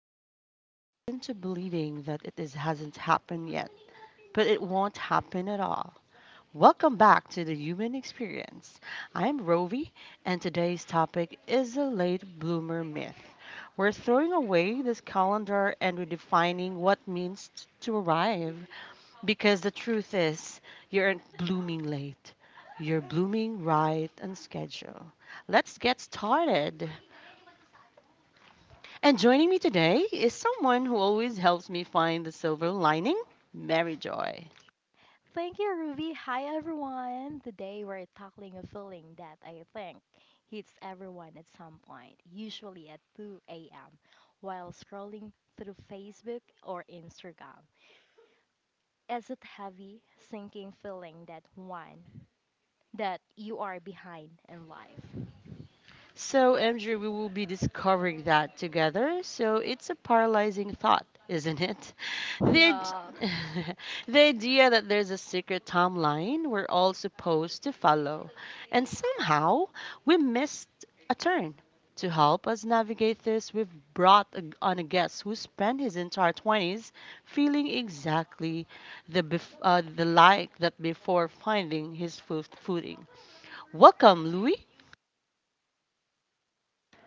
We've been tricked into believing that it hasn't happened yet, but it won't happen at all. Welcome back to the human experience. I'm Rovi, and today's topic is the late bloomer myth. We're throwing away this calendar and redefining what means to arrive. Because the truth is, you aren't blooming late. You're blooming right on schedule. Let's get started. And joining me today is someone who always helps me find the silver lining, Mary Joy. Thank you, Ruby. Hi, everyone. Today we're tackling a feeling that I think hits everyone at some point, usually at 2 a.m., while scrolling through Facebook or Instagram. It's a heavy, sinking feeling that one, that you are behind in life. So, Andrew, we will be discovering that together. So, it's a paralyzing thought, isn't it? The, id- Yeah. the idea that there's a secret timeline we're all supposed to follow, and somehow we missed a turn. To help us navigate this, we've brought on a guest who spent his entire 20s feeling exactly the, bef- the like that before finding his footing. Welcome, Louis.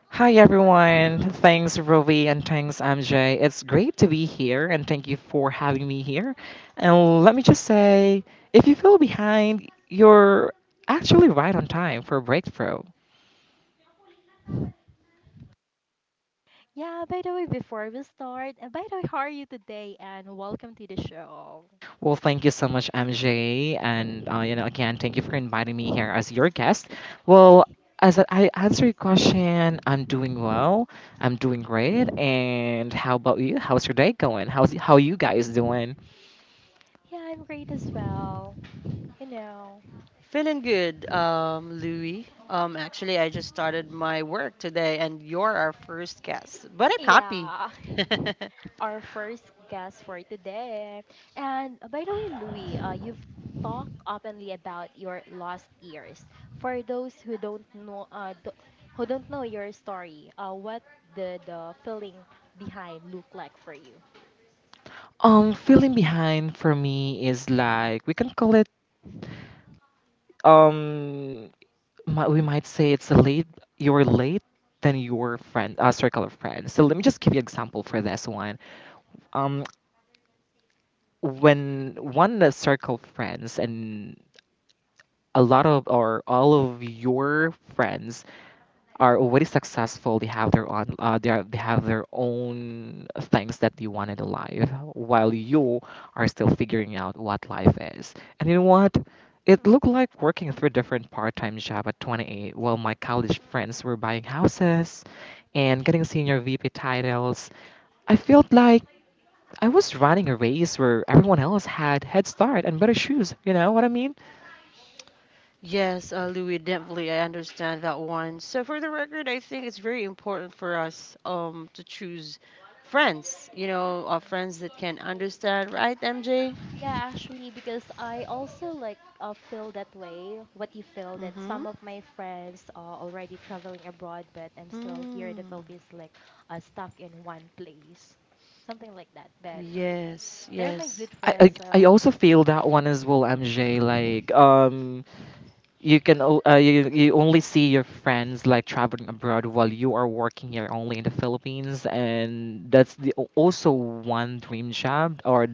Hi everyone. Thanks Rovi and thanks MJ. It's great to be here and thank you for having me here. And let me just say, if you feel behind, you're actually right on time for a breakthrough. Yeah, by the way, before we start, and by the way, how are you today? And welcome to the show. Well, thank you so much MJ and you know again, thank you for inviting me here as your guest. Well, as I answer your question, I'm doing well. I'm doing great. And how about you? How's your day going? How's how you guys doing? Yeah, I'm great as well. You know. Feeling good, Louis. Actually, I just started my work today, and you're our first guest. But I'm happy. Yeah. Our first guest for today. And by the way, Louis, you've talked openly about your lost years. For those who don't know, who don't know your story, what did the feeling behind look like for you? Feeling behind for me is like we can call it um we might say it's a late you're late than your friend circle of friends. So let me just give you example for this one. Um, when one of the circle friends and a lot of or all of your friends are already successful, they have their own they have their own things that they wanted in life, while you are still figuring out what life is. And you know what it looked like working three different part-time jobs at 28 while my college friends were buying houses and getting senior vp titles. I felt like I was running a race where everyone else had head start and better shoes. You know what I mean? Yes, Louis, definitely, I understand that one. So, for the record, I think it's very important for us to choose friends. You know, friends that can understand, right, MJ? Yeah, actually, because I also like feel that way. What you feel that Mm-hmm. some of my friends are already traveling abroad, but I'm still Mm. here in the Philippines, like stuck in one place, something like that. But Yes, they're my yes. good friends, I so also feel that one as well, MJ. Like you can you only see your friends like traveling abroad while you are working here only in the Philippines, and that's the also one dream job or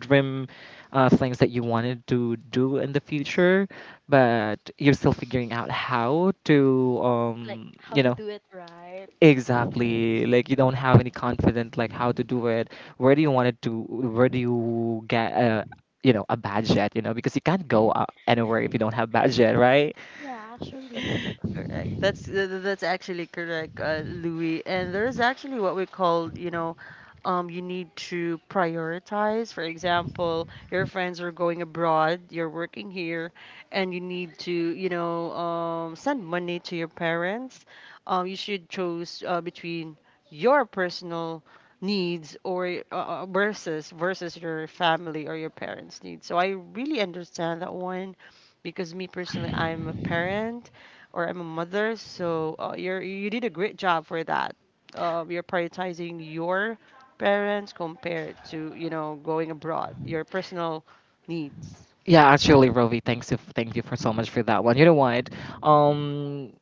dream things that you wanted to do in the future, but you're still figuring out how to like how you to know. do it right. Exactly, like you don't have any confidence, like how to do it, where do you want it to, where do you get a, you know, a budget, you know, because you can't go anywhere if you don't have budget, right? Yeah, actually, Correct. That's actually correct, Louis. And there's actually what we call, you know, you need to prioritize. For example, your friends are going abroad, you're working here, and you need to, you know, send money to your parents. You should choose between your personal needs or versus your family or your parents' needs. So I really understand that one because me personally, I'm a parent or I'm a mother. So you did a great job for that. You're prioritizing your parents compared to going abroad, your personal needs. Yeah, actually, Rovi, thanks you, thank you for so much for that one. You know what? Um,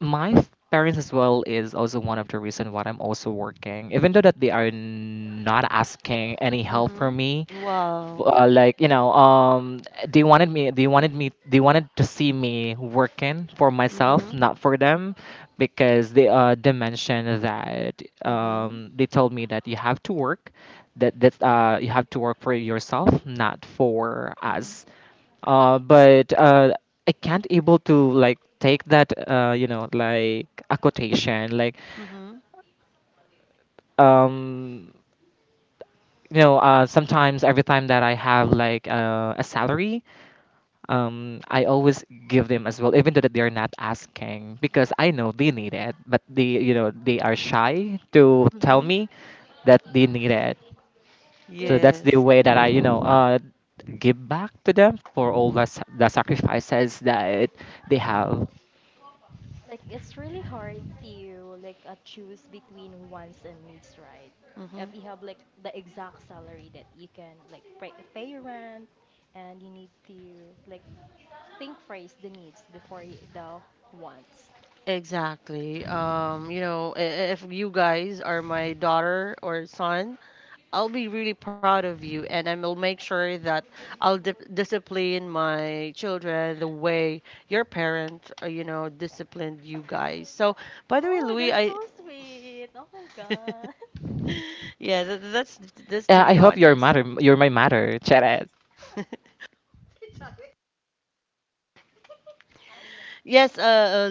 my parents as well is also one of the reason why I'm also working, even though that they are not asking any help Mhm. from me. Wow. Like you know, they wanted me, they wanted to see me working for myself, Mhm. not for them, because they mentioned that Mhm. They told me that you have to work, that that you have to work for yourself, not for Mhm. us, but I can't able to like take that you know, like a quotation, like, Mhm. um, you know, sometimes every time that I have like a salary, I always give them as well, even though that they're not asking, because I know they need it, but they, you know, they are shy to tell Mhm. me that they need it. So it's that's the Yes. way that I, you know, Mhm. Give back to them for all the, the sacrifices that they have. like it's really hard to like choose between wants and needs, right? If Mhm. you have like the exact salary that you can like pay your rent, and you need to like think first the needs before the wants. Exactly. You know, if you guys are my daughter or son, I'll be really proud of you, and I will make sure that I'll discipline my children the way your parents, disciplined you guys. So, by the way, Oh, Louis, that's so sweet. Oh my. yeah, that's to I be hope you're honest. matter. You're my matter, Cheres. Yes, uh,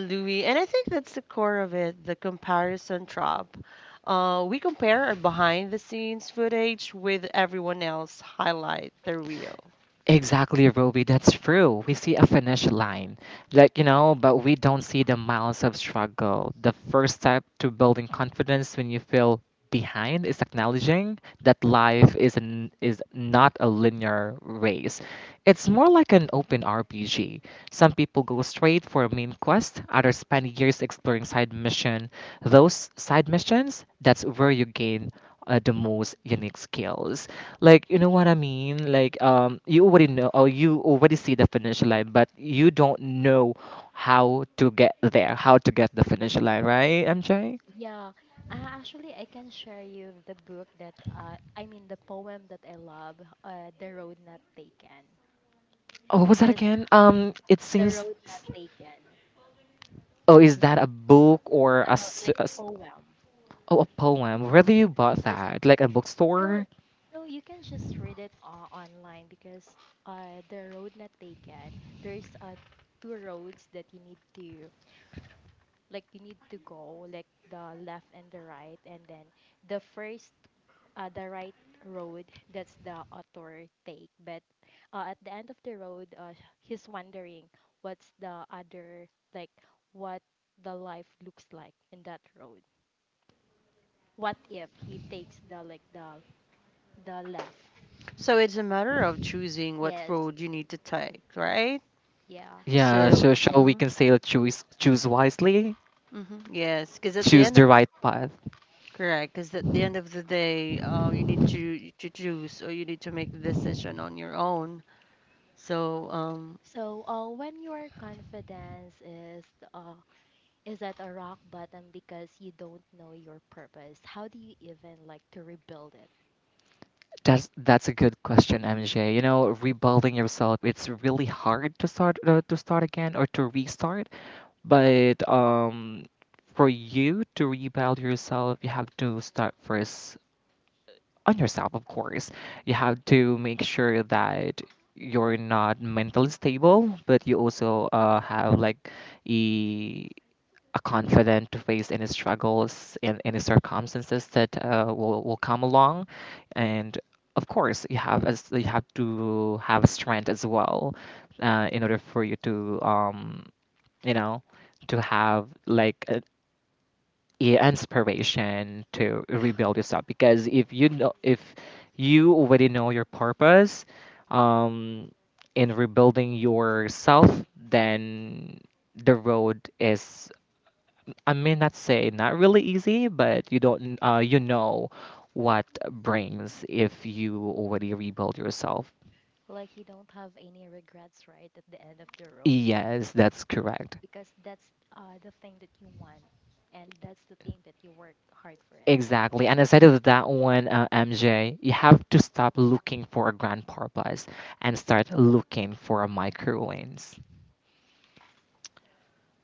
uh, Louis, and I think that's the core of it, the comparison trap. We compare our behind-the-scenes footage with everyone else highlight their reel. Exactly, Ruby. That's true. We see a finish line, like you know, but we don't see the miles of struggle. The first step to building confidence when you feel behind is acknowledging that is not a linear race. It's more like an open RPG. Some people go straight for a main quest, others spend years exploring side mission. Those side missions, that's where you gain the most unique skills. Like you know what I mean? Like you already know, or you already see the finish line, but you don't know how to get there, how to get the finish line, right, MJ? Yeah, actually, I can share you the book that I mean the poem that I love, "The Road Not Taken," Oh, what's that because again? It the road seems. not taken, Oh, is that a book or a, ano, like a poem. oh a poem? Where do Yeah, you bought because that? Like a no, bookstore? no, you can just read it online because the road not taken. There's two roads that you need to like you need to go like the left and the right, and then the first the right road, that's the author take, but at the end of the road he's wondering what's the other, like what the life looks like in that road, what if he takes the like the left. So it's a matter of choosing what Yes. road you need to take, right? Yeah. Yeah. So, So shall we mhm, can say choose wisely, mhm, yes. because at the choose end the of right path. Correct. Because at the end of the day, you need to choose or you need to make a decision on your own. So. So when your confidence uh, is at a rock bottom because you don't know your purpose, how do you even like to rebuild it? That's a good question, MJ. You know, rebuilding yourself, it's really hard to start again or to restart. But for you to rebuild yourself, you have to start first on yourself, of course. You have to make sure that you're not mentally stable, but you also have like a, a confident to face any struggles and any circumstances that will come along. And of course, you have to have strength as well in order for you to you know, to have like a, yeah, inspiration to rebuild yourself, because if you know, if you already know your purpose, um, in rebuilding yourself, then the road is, I may not say not really easy, but you don't, you know, what brings if you already rebuild yourself. Like you don't have any regrets right at the end of the road, Yes, that's correct. because that's the thing that you want, and that's the thing that you work hard for it. Exactly. And aside of that one, MJ, you have to stop looking for a grand purpose and start looking for a micro wins.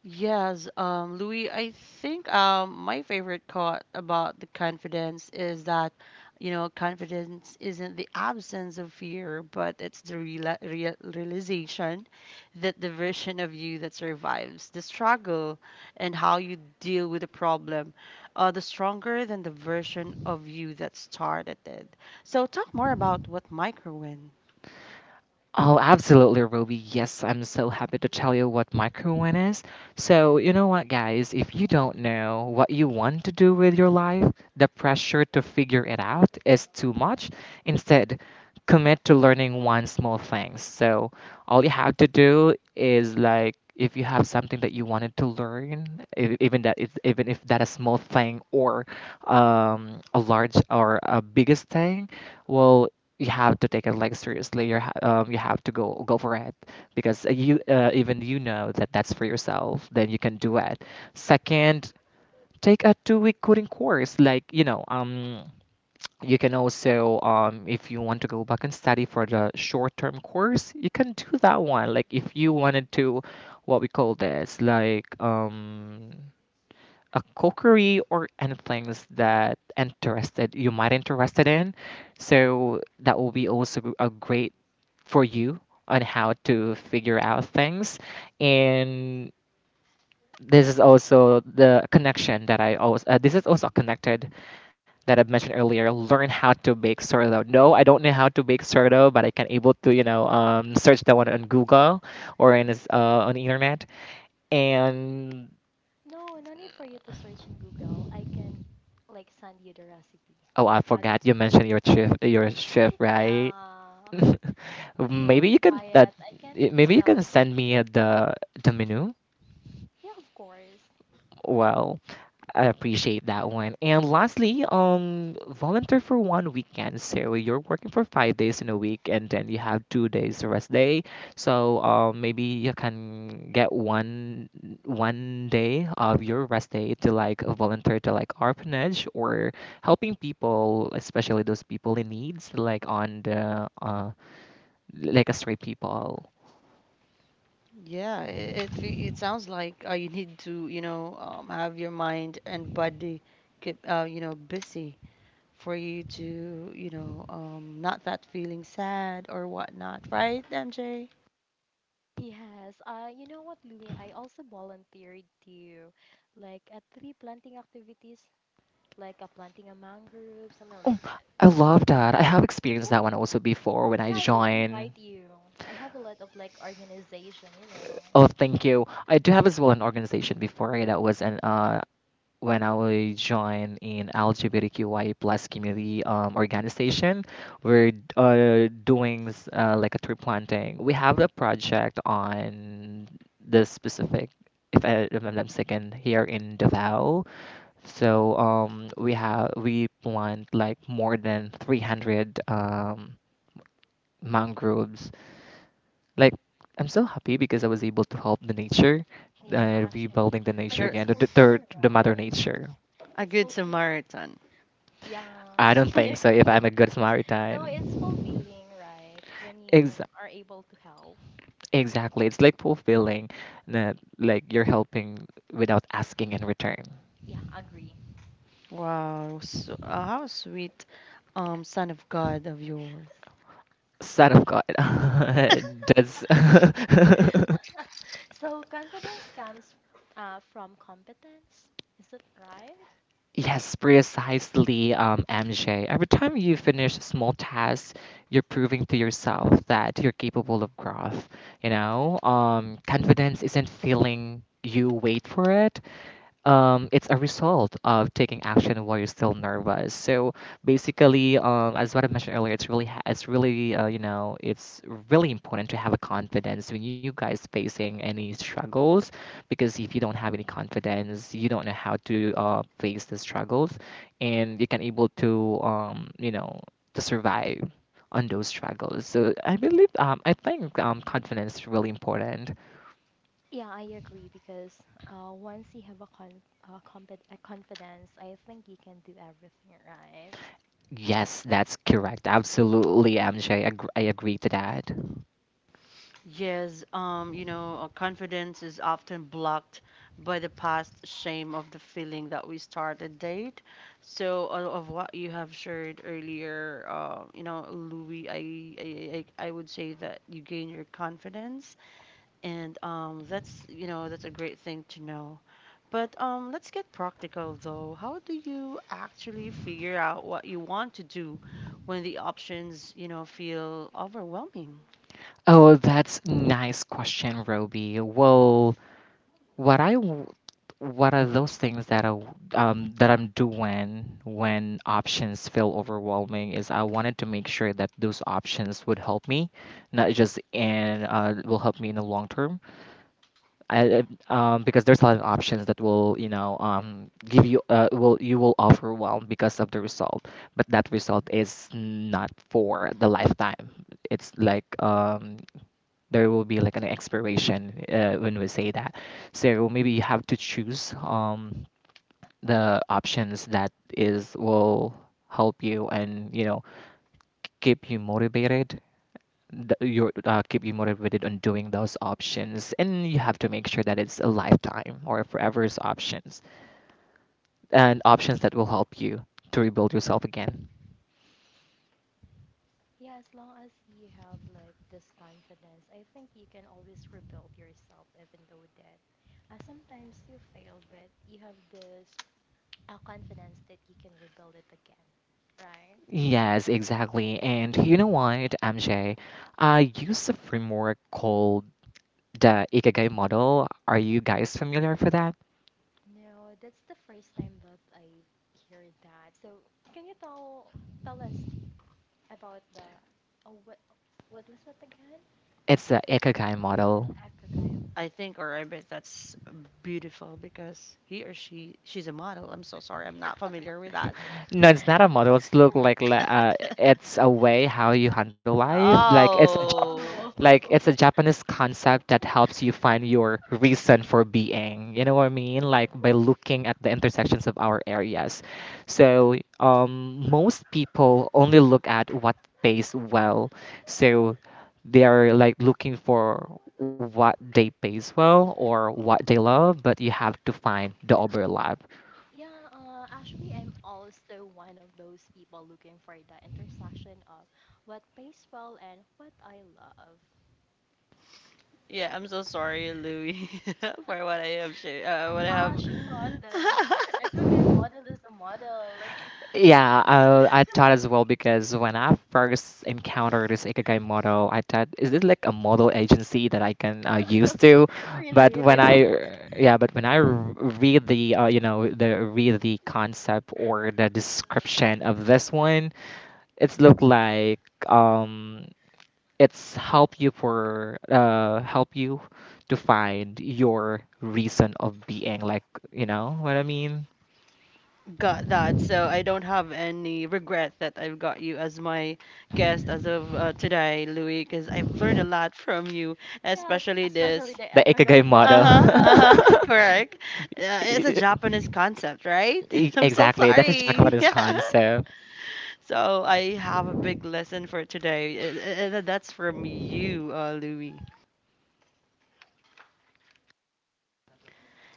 Yes, Louis, I think my favorite quote about the confidence is that, you know, confidence isn't the absence of fear, but it's the reala real realization that the version of you that survives the struggle and how you deal with the problem are the stronger than the version of you that started it. So talk more about what micro win. Oh, absolutely, Ruby. Yes, I'm so happy to tell you what win is. So, you know what, guys? If you don't know what you want to do with your life, the pressure to figure it out is too much. Instead, commit to learning one small thing. So, all you have to do is like, if you have something that you wanted to learn, even if that a small thing or a large or a biggest thing, well, you have to take it like seriously. You you have to go for it, because you even you know that that's for yourself. Then you can do it. Second, take a 2 week coding course. Like you know, you can also if you want to go back and study for the short term course, you can do that one, like if you wanted to what we call this, like, a cookery or anything that interested you might interested in. So that will be also a great for you on how to figure out things. And this is also the connection that I always this is also connected that I mentioned earlier, learn how to bake sourdough. No, I don't know how to bake sourdough, but I can able to, you know, search that one on google or in this, on the internet. And No, no need for you to search in Google. I can like send you the recipe. oh, I How to c- forgot you mentioned your shift, right? Yeah. If you want Maybe you to can buy that, it, I can maybe you can sell. send me the menu. Yeah, of course. Well, I appreciate that one. And lastly, volunteer for one weekend. So you're working for 5 days in a week, and then you have 2 days rest day. So maybe you can get one day of your rest day to like volunteer to like orphanage or helping people, especially those people in needs, like on the like a stray people. Yeah, it sounds like you need to, you know, have your mind and body keep, you know, busy for you to, you know, not that feeling sad or whatnot, right, MJ? Yes, you know what, Louie? I also volunteered to, like, at three planting activities, like a planting a mangrove, something Oh, like that. I Huh. love that. I have experienced Oh, that one also before when I yeah, I can joined. invite you. I have a lot of like organization, you know. Oh, thank you. I do have as well an organization before, eh, that was an when I would join in LGBTQI plus community organization, we're like a tree planting. We have a project on the specific, if I remember I'm second, here in Davao. So we plant like more than 300 mangroves. Like, I'm so happy because I was able to help the nature, Yeah, actually, rebuilding the like nature You're it's again, fulfilling, the right? mother nature. a It's good fulfilling. Samaritan. Yeah, I don't I think so. If agree. I'm a good No, it's Samaritan, fulfilling, right? When you exactly. are able to help. Exactly. It's like fulfilling that like you're helping without asking in return. Yeah, agree. Wow, so, how sweet, son of God of yours. Son of God. That's So confidence comes from competence. Is it right? Yes, precisely, MJ. Every time you finish a small tasks, you're proving to yourself that you're capable of growth. You know, confidence isn't feeling you wait for it. It's a result of taking action while you're still nervous. So basically, as what I mentioned earlier, it's really, it's really, you know, it's really important to have a confidence when you guys facing any struggles, because if you don't have any confidence, you don't know how to face the struggles, and you can able to, you know, to survive on those struggles. So I believe, I think confidence is really important. Yeah, I agree because once you have a confidence, I think you can do everything, right? Yes, that's correct. Absolutely, MJ. I agree to that. Yes, you know, confidence is often blocked by the past shame of the feeling that we start a date. So, of what you have shared earlier, you know, Louis, I would say that you gain your confidence, and that's, you know, that's a great thing to know. But let's get practical though. How do you actually figure out what you want to do when the options, you know, feel overwhelming? Oh, that's nice question, Roby. Well, what I w- what are those things that that I'm doing when options feel overwhelming is, I wanted to make sure that those options would help me, not just in will help me in the long term. Because there's a lot of options that will, you know, give you, will you will overwhelm because of the result, but that result is not for the lifetime. It's like, there will be like an expiration when we say that. So maybe you have to choose the options that is will help you and keep you motivated. Your keep you motivated on doing those options, and you have to make sure that it's a lifetime or forever's options, and options that will help you to rebuild yourself again. Yeah, as long as you have like this confidence, I think you can always rebuild yourself, even though that sometimes you fail, but you have this confidence that you can rebuild it again, right? Yes, exactly. And you know what, MJ? I use a framework called the Ikigai model. Are you guys familiar for that? No, that's the first time that I hear that. So, can you tell us about the oh, what was that again? It's the Ikigai model. Akagayama. I think or I bet that's beautiful because he or she's a model. I'm so sorry. I'm not familiar with that. No, it's not a model. It's look like it's a way how you handle life. Like it's a Oh. like it's a Oh. Japanese concept that helps you find your reason for being. You know what I mean? Like by looking at the intersections of our areas. So most people only look at what pays well. So they are like looking for what they pays well or what they love, but you have to find the overlap. Yeah, actually, I'm also one of those people looking for the intersection of what pays well and what I love. Yeah, I'm so sorry, Louis, for what I have shared, what I have. She thought the Ecoguy model is a model. Like, Yeah, I thought as well because when I first encountered this Ikigai model, I thought, is it like a model agency that I can use to? But really? That, when I read the, read the concept or the description of this one, it's look like um, it's help you for help you to find your reason of being, like you know what I mean? Got that. So I don't have any regret that I've got you as my guest as of today, Louis, because I've learned a lot from you, yeah, especially especially this. the The Ecoguy Ikigai Uh model. model, huh. Uh right? huh. Correct. E- It's a e-, Japanese concept, right? e-, I'm so Exactly. That's a sorry. Japanese concept. So I have a big lesson for today, and that's from you, Louis.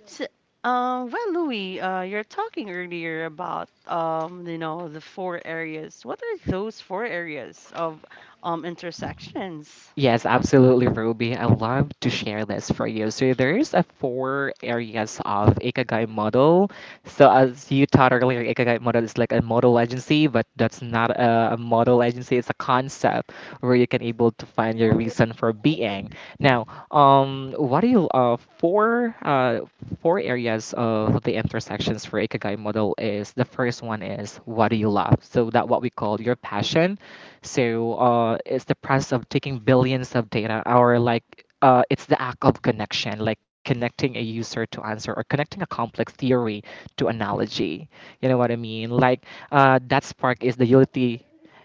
So, well, Louis, you're talking earlier about you know, the four areas. What are those four areas of intersections? Yes, absolutely, Ruby. I love to share this for you. So there's a four areas of Ikigai model. So as you taught earlier, Ikigai model is like a model agency, but that's not a model agency. It's a concept where you can able to find your Oh, reason for being. Now, what do you four areas of the intersections for Ikigai model is the first one is what do you love? So that what we call your passion so it's the process of taking billions of data, or like it's the act of connection, like connecting a user to answer or connecting a complex theory to analogy. You know what I mean? Like that spark is the utility.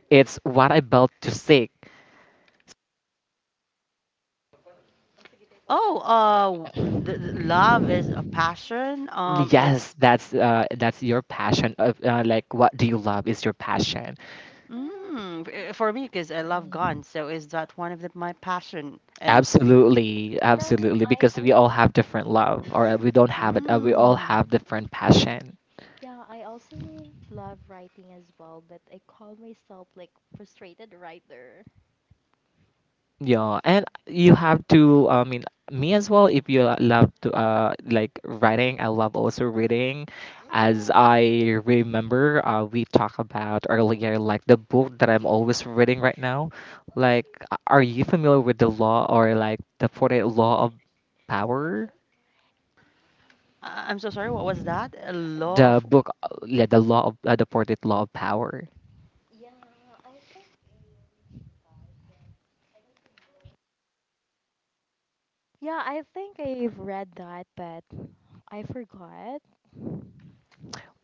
It's what I built to seek. Oh, the love is a passion. Yes, It's that's your passion. Of, like what do you love is your passion. mm, for me because I love guns. So is that one of my passion? And Absolutely, no, absolutely. I Because we also, all have different love, or we don't have it. We all have mm. different passion. yeah, I also love writing as well, but I call myself like frustrated writer. Yeah, and you have to. I mean, me as well. If you love to, like writing, I love also reading. As I remember, we talked about earlier, like the book that I'm always reading right now. Like, are you familiar with the law or like the 48 law of power? I'm so sorry. What was that? A law The of. book, the law of the 48 law of power. Yeah, I think I've read that, but I forgot.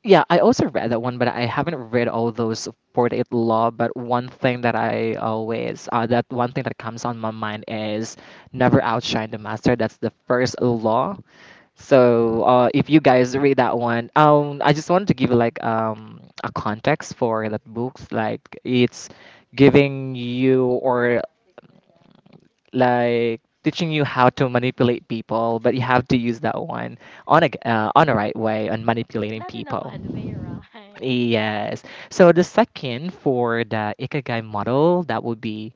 Yeah, I also read that one, but I haven't read all those 48 law. But one thing that I always, that one thing that comes on my mind is never outshine the master. That's the first law. So if you guys read that one, I just wanted to give you like a context for that book. Like it's giving you or like teaching you how to manipulate people, but you have to use that one on a right way on manipulating Not in a people. bad way, right? Yes. So the second for the ikigai model, that would be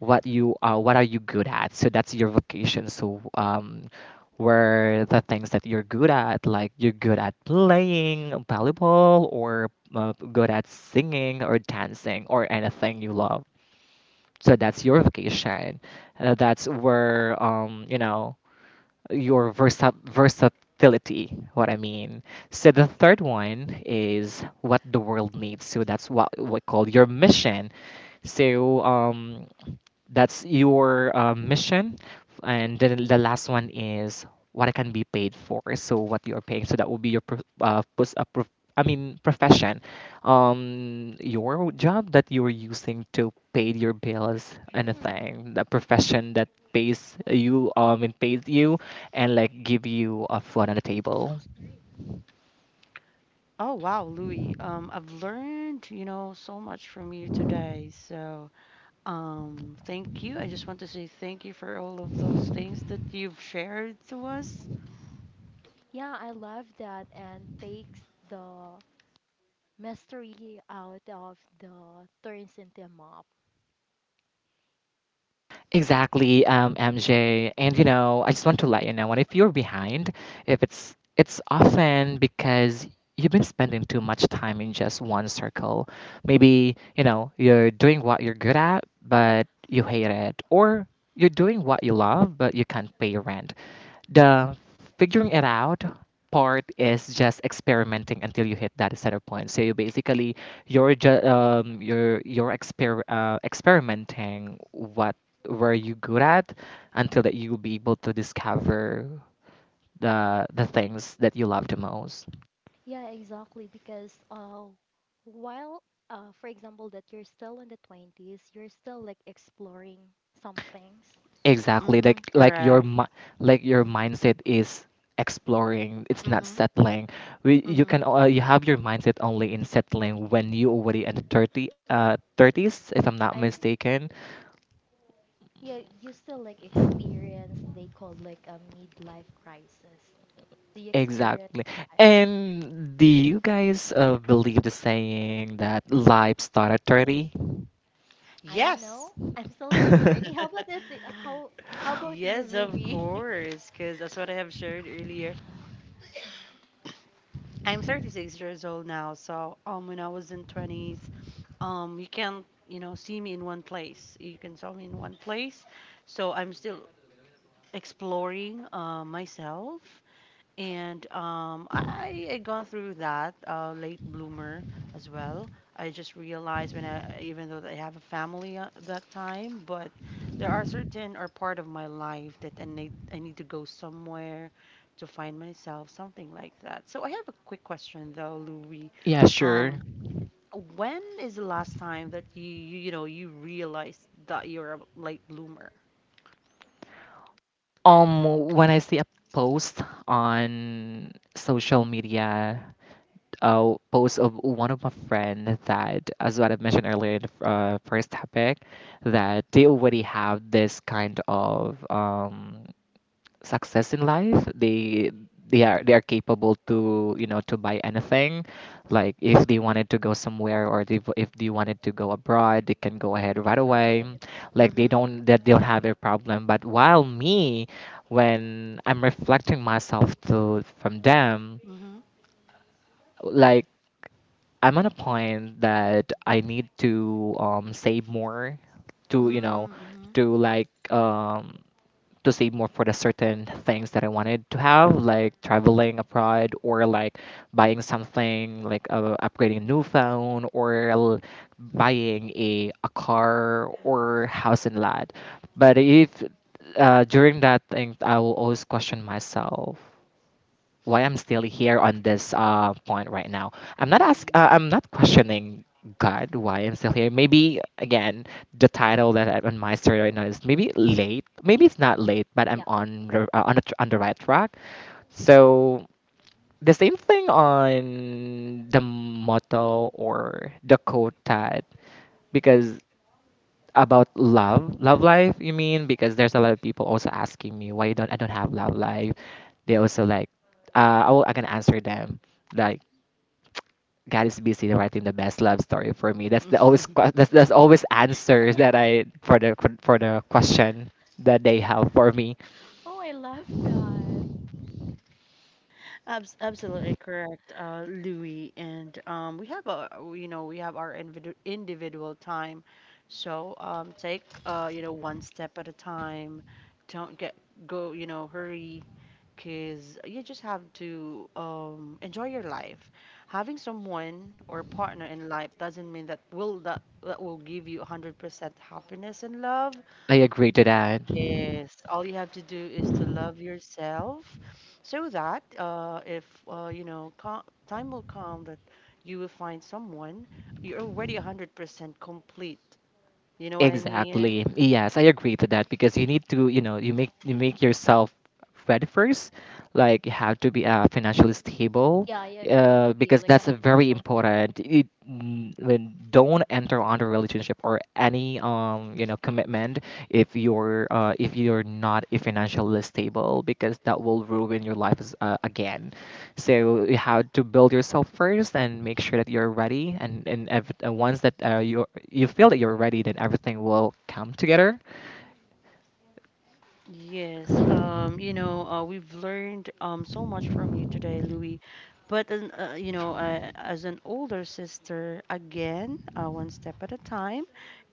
what you what are you good at? So that's your vocation. So where the things that you're good at, like you're good at playing volleyball or good at singing or dancing or anything you love. So that's your vocation. That's where you know your versatility, what I mean. So the third one is what the world needs. So that's what we call your mission. So that's your mission and then the last one is what I can be paid for. So what you are paying. So that will be your I mean profession. Your job that you're using to pay your bills, Mm. anything. The profession that pays you and pays you and like give you a food on the table. Oh, wow, Louis. I've learned so much from you today. So. Thank you. I just want to say thank you for all of those things that you've shared to us. Yeah, I love that and takes the mystery out of the turns into a mop. Exactly, MJ. And you know, I just want to let you know, and if you're behind, if it's often because you've been spending too much time in just one circle. Maybe, you know, you're doing what you're good at, but you hate it, or you're doing what you love, but you can't pay your rent. The figuring it out part is just experimenting until you hit that center point. So you basically you're ju- you're experimenting what where you good at until that you'll be able to discover the things that you love the most. Yeah, exactly. Because while, for example, that you're still in the 20s, you're still like exploring some things. Exactly, Mm-hmm. like your Correct. Like your mindset is exploring, it's not Mm-hmm. settling. You Mm-hmm. can you have your mindset only in settling when you already in the 30 uh 30s, if I'm not I think, mistaken. yeah, you still like experience, they call like a midlife crisis. Do you experience? Exactly. And do you guys believe the saying that life started 30? I don't know. Yes. I'm still not a 30. How about that? How about you, Yes, of Ruby? course, because that's what I have shared earlier. I'm 36 years old now, so when I was in 20s, you can't, you know, see me in one place. You can saw me in one place, so I'm still exploring myself. And I had gone through that late bloomer as well. I just realized when even though I have a family at that time, but there are certain or part of my life that I need to go somewhere to find myself, something like that. So I have a quick question though, Louis. Yeah, sure. Um, when is the last time that you realized that you're a late bloomer? When I see a post on social media, a post of one of my friend that, as what I mentioned earlier in the first topic, that they already have this kind of success in life. They are capable to, you know, to buy anything, like if they wanted to go somewhere or if they wanted to go abroad they can go Like ahead they can right travel away, and it- like Mm-hmm. They don't have a problem. But while me, when I'm reflecting myself to from them, Mm-hmm. like I'm on a point that I need to save more to, you know, Mm-hmm. to like to save more for the certain things that I wanted to have, like traveling abroad or like buying something, like upgrading a new phone buying a car or house and lot. But if during that thing, I will always question myself why I'm still here on this point right now. I'm not ask. I'm not questioning God why I'm still here. Maybe again, the title that I'm on my story right now is maybe late. Maybe it's not late, but I'm yeah. on the tr on the right track. So the same thing on the motto or the quote that, because about love life you mean, because there's a lot of people also asking me why you don't I don't have love life. They also like, I can answer them like, God is busy writing the best love story for me. That's the Mm-hmm. Always answers that I for the question that they have for me. Oh, I love that. Absolutely correct, Louis. And we have our individual time, so take you know one step at a time. Don't get go hurry, cause you just have to enjoy your life. Having someone or partner in life doesn't mean that will give you 100% happiness and love. I agree to that. Yes, all you have to do is to love yourself so that if you know co time will come that you will find someone you're already 100% complete. You know what I mean? Exactly. Yes, I agree to that because you need to, you know, you make yourself ready first. Like you have to be financially stable, Yeah, I agree to be because like a that's a very financial state. important. Don't enter on a relationship or any you know commitment if you're not a financially stable because that will ruin your life as, again. So you have to build yourself first and make sure that you're ready. And once that you you feel that you're ready, then everything will come together. Yes, you know, we've learned so much from you today, Louis. But as an older sister, again, one step at a time.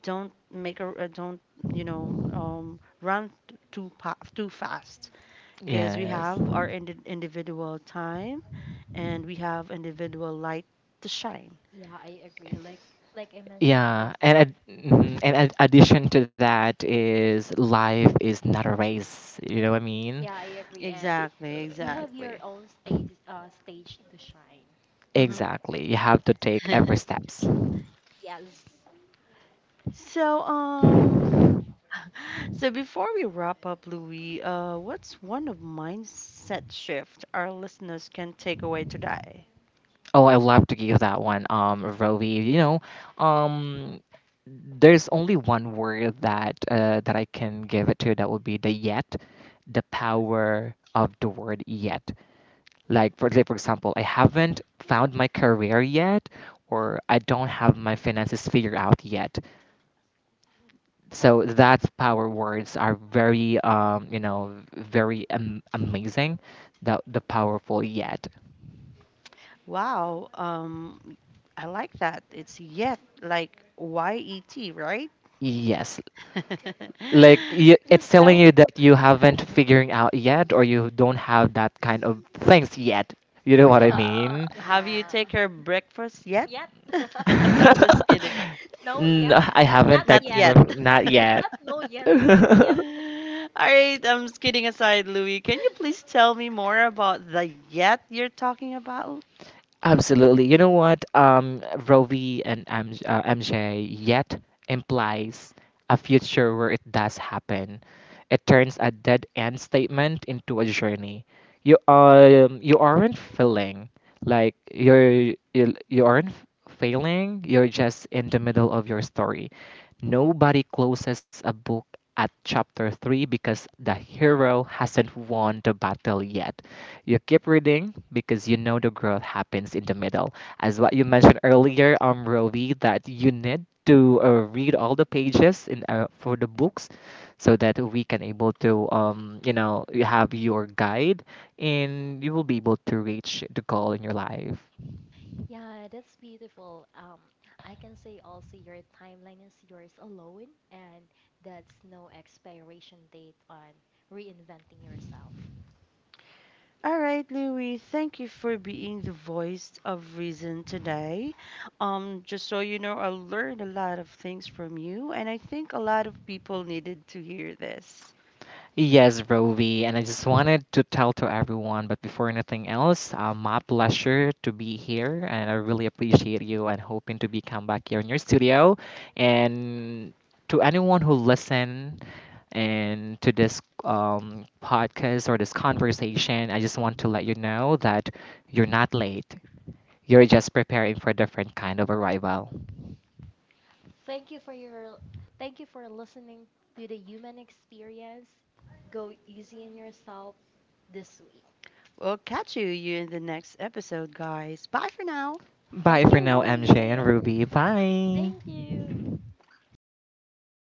Don't make a don't run too fast. Because we Yes. have our individual time and we have individual light to shine. Yeah, I agree. Like I mentioned Yeah, and also. Addition to that is life is not a race. You know what I mean? Yeah, I agree. And Exactly, you have your exactly. own stage to shine. Hmm. Exactly. You have to take every steps. Yes. So, so before we wrap up, Louis, what's one of mindset shift our listeners can take away today? Oh, I love to give that one, Rovi. You know, um, there's only one word that that I can give it to. That would be the yet, the power of the word yet. Like for say, for example, I haven't found my career yet, or I don't have my finances figured out yet. So that's power words are very, you know, very amazing. The powerful yet. Wow, I like that. It's yet like yet, right? Yes. Like You it's telling spell it you right. that you Yes. haven't figuring out yet or you don't have that kind of things yet, you know what I Wow. Mean. Have you Yeah. take her breakfast yet? Yet. I'm just kidding. No, yet. No, I Not haven't tech. Not yet. yet. Not yet. Not no, yet. Not yet. All right, I'm just kidding aside, Louis. Can you please tell me more about the yet you're talking about? Absolutely. You know what? Roe v. and MJ, MJ yet implies a future where it does happen. It turns a dead end statement into a journey. You you aren't feeling like you aren't f- failing. You're just in the middle of your story. Nobody closes a book at chapter 3 because the hero hasn't won the battle yet. You keep reading because you know the growth happens in the middle. As what you mentioned earlier, Rovi, that you need to read all the pages in for the books, so that we can able to, you know, you have your guide, and you will be able to reach the goal in your life. Yeah, that's beautiful. I can say also your timeline is yours alone, and that's no expiration date on reinventing yourself. All right, Louis, thank you for being the voice of reason today. Just so you know, I learned a lot of things from you, and I think a lot of people needed to hear this. Yes, Rovi, and I just wanted to tell to everyone, but before anything else, my pleasure to be here, and I really appreciate you and hoping to be come back here in your studio. And to anyone who listen and to this podcast or this conversation, I just want to let you know that you're not late. You're just preparing for a different kind of arrival. Thank you for your Thank you for listening to the human experience. Go easy on yourself this week. We'll catch you in the next episode, guys. Bye for now. Bye Thank for you, now, MJ Louie. and Ruby. Bye. Thank you.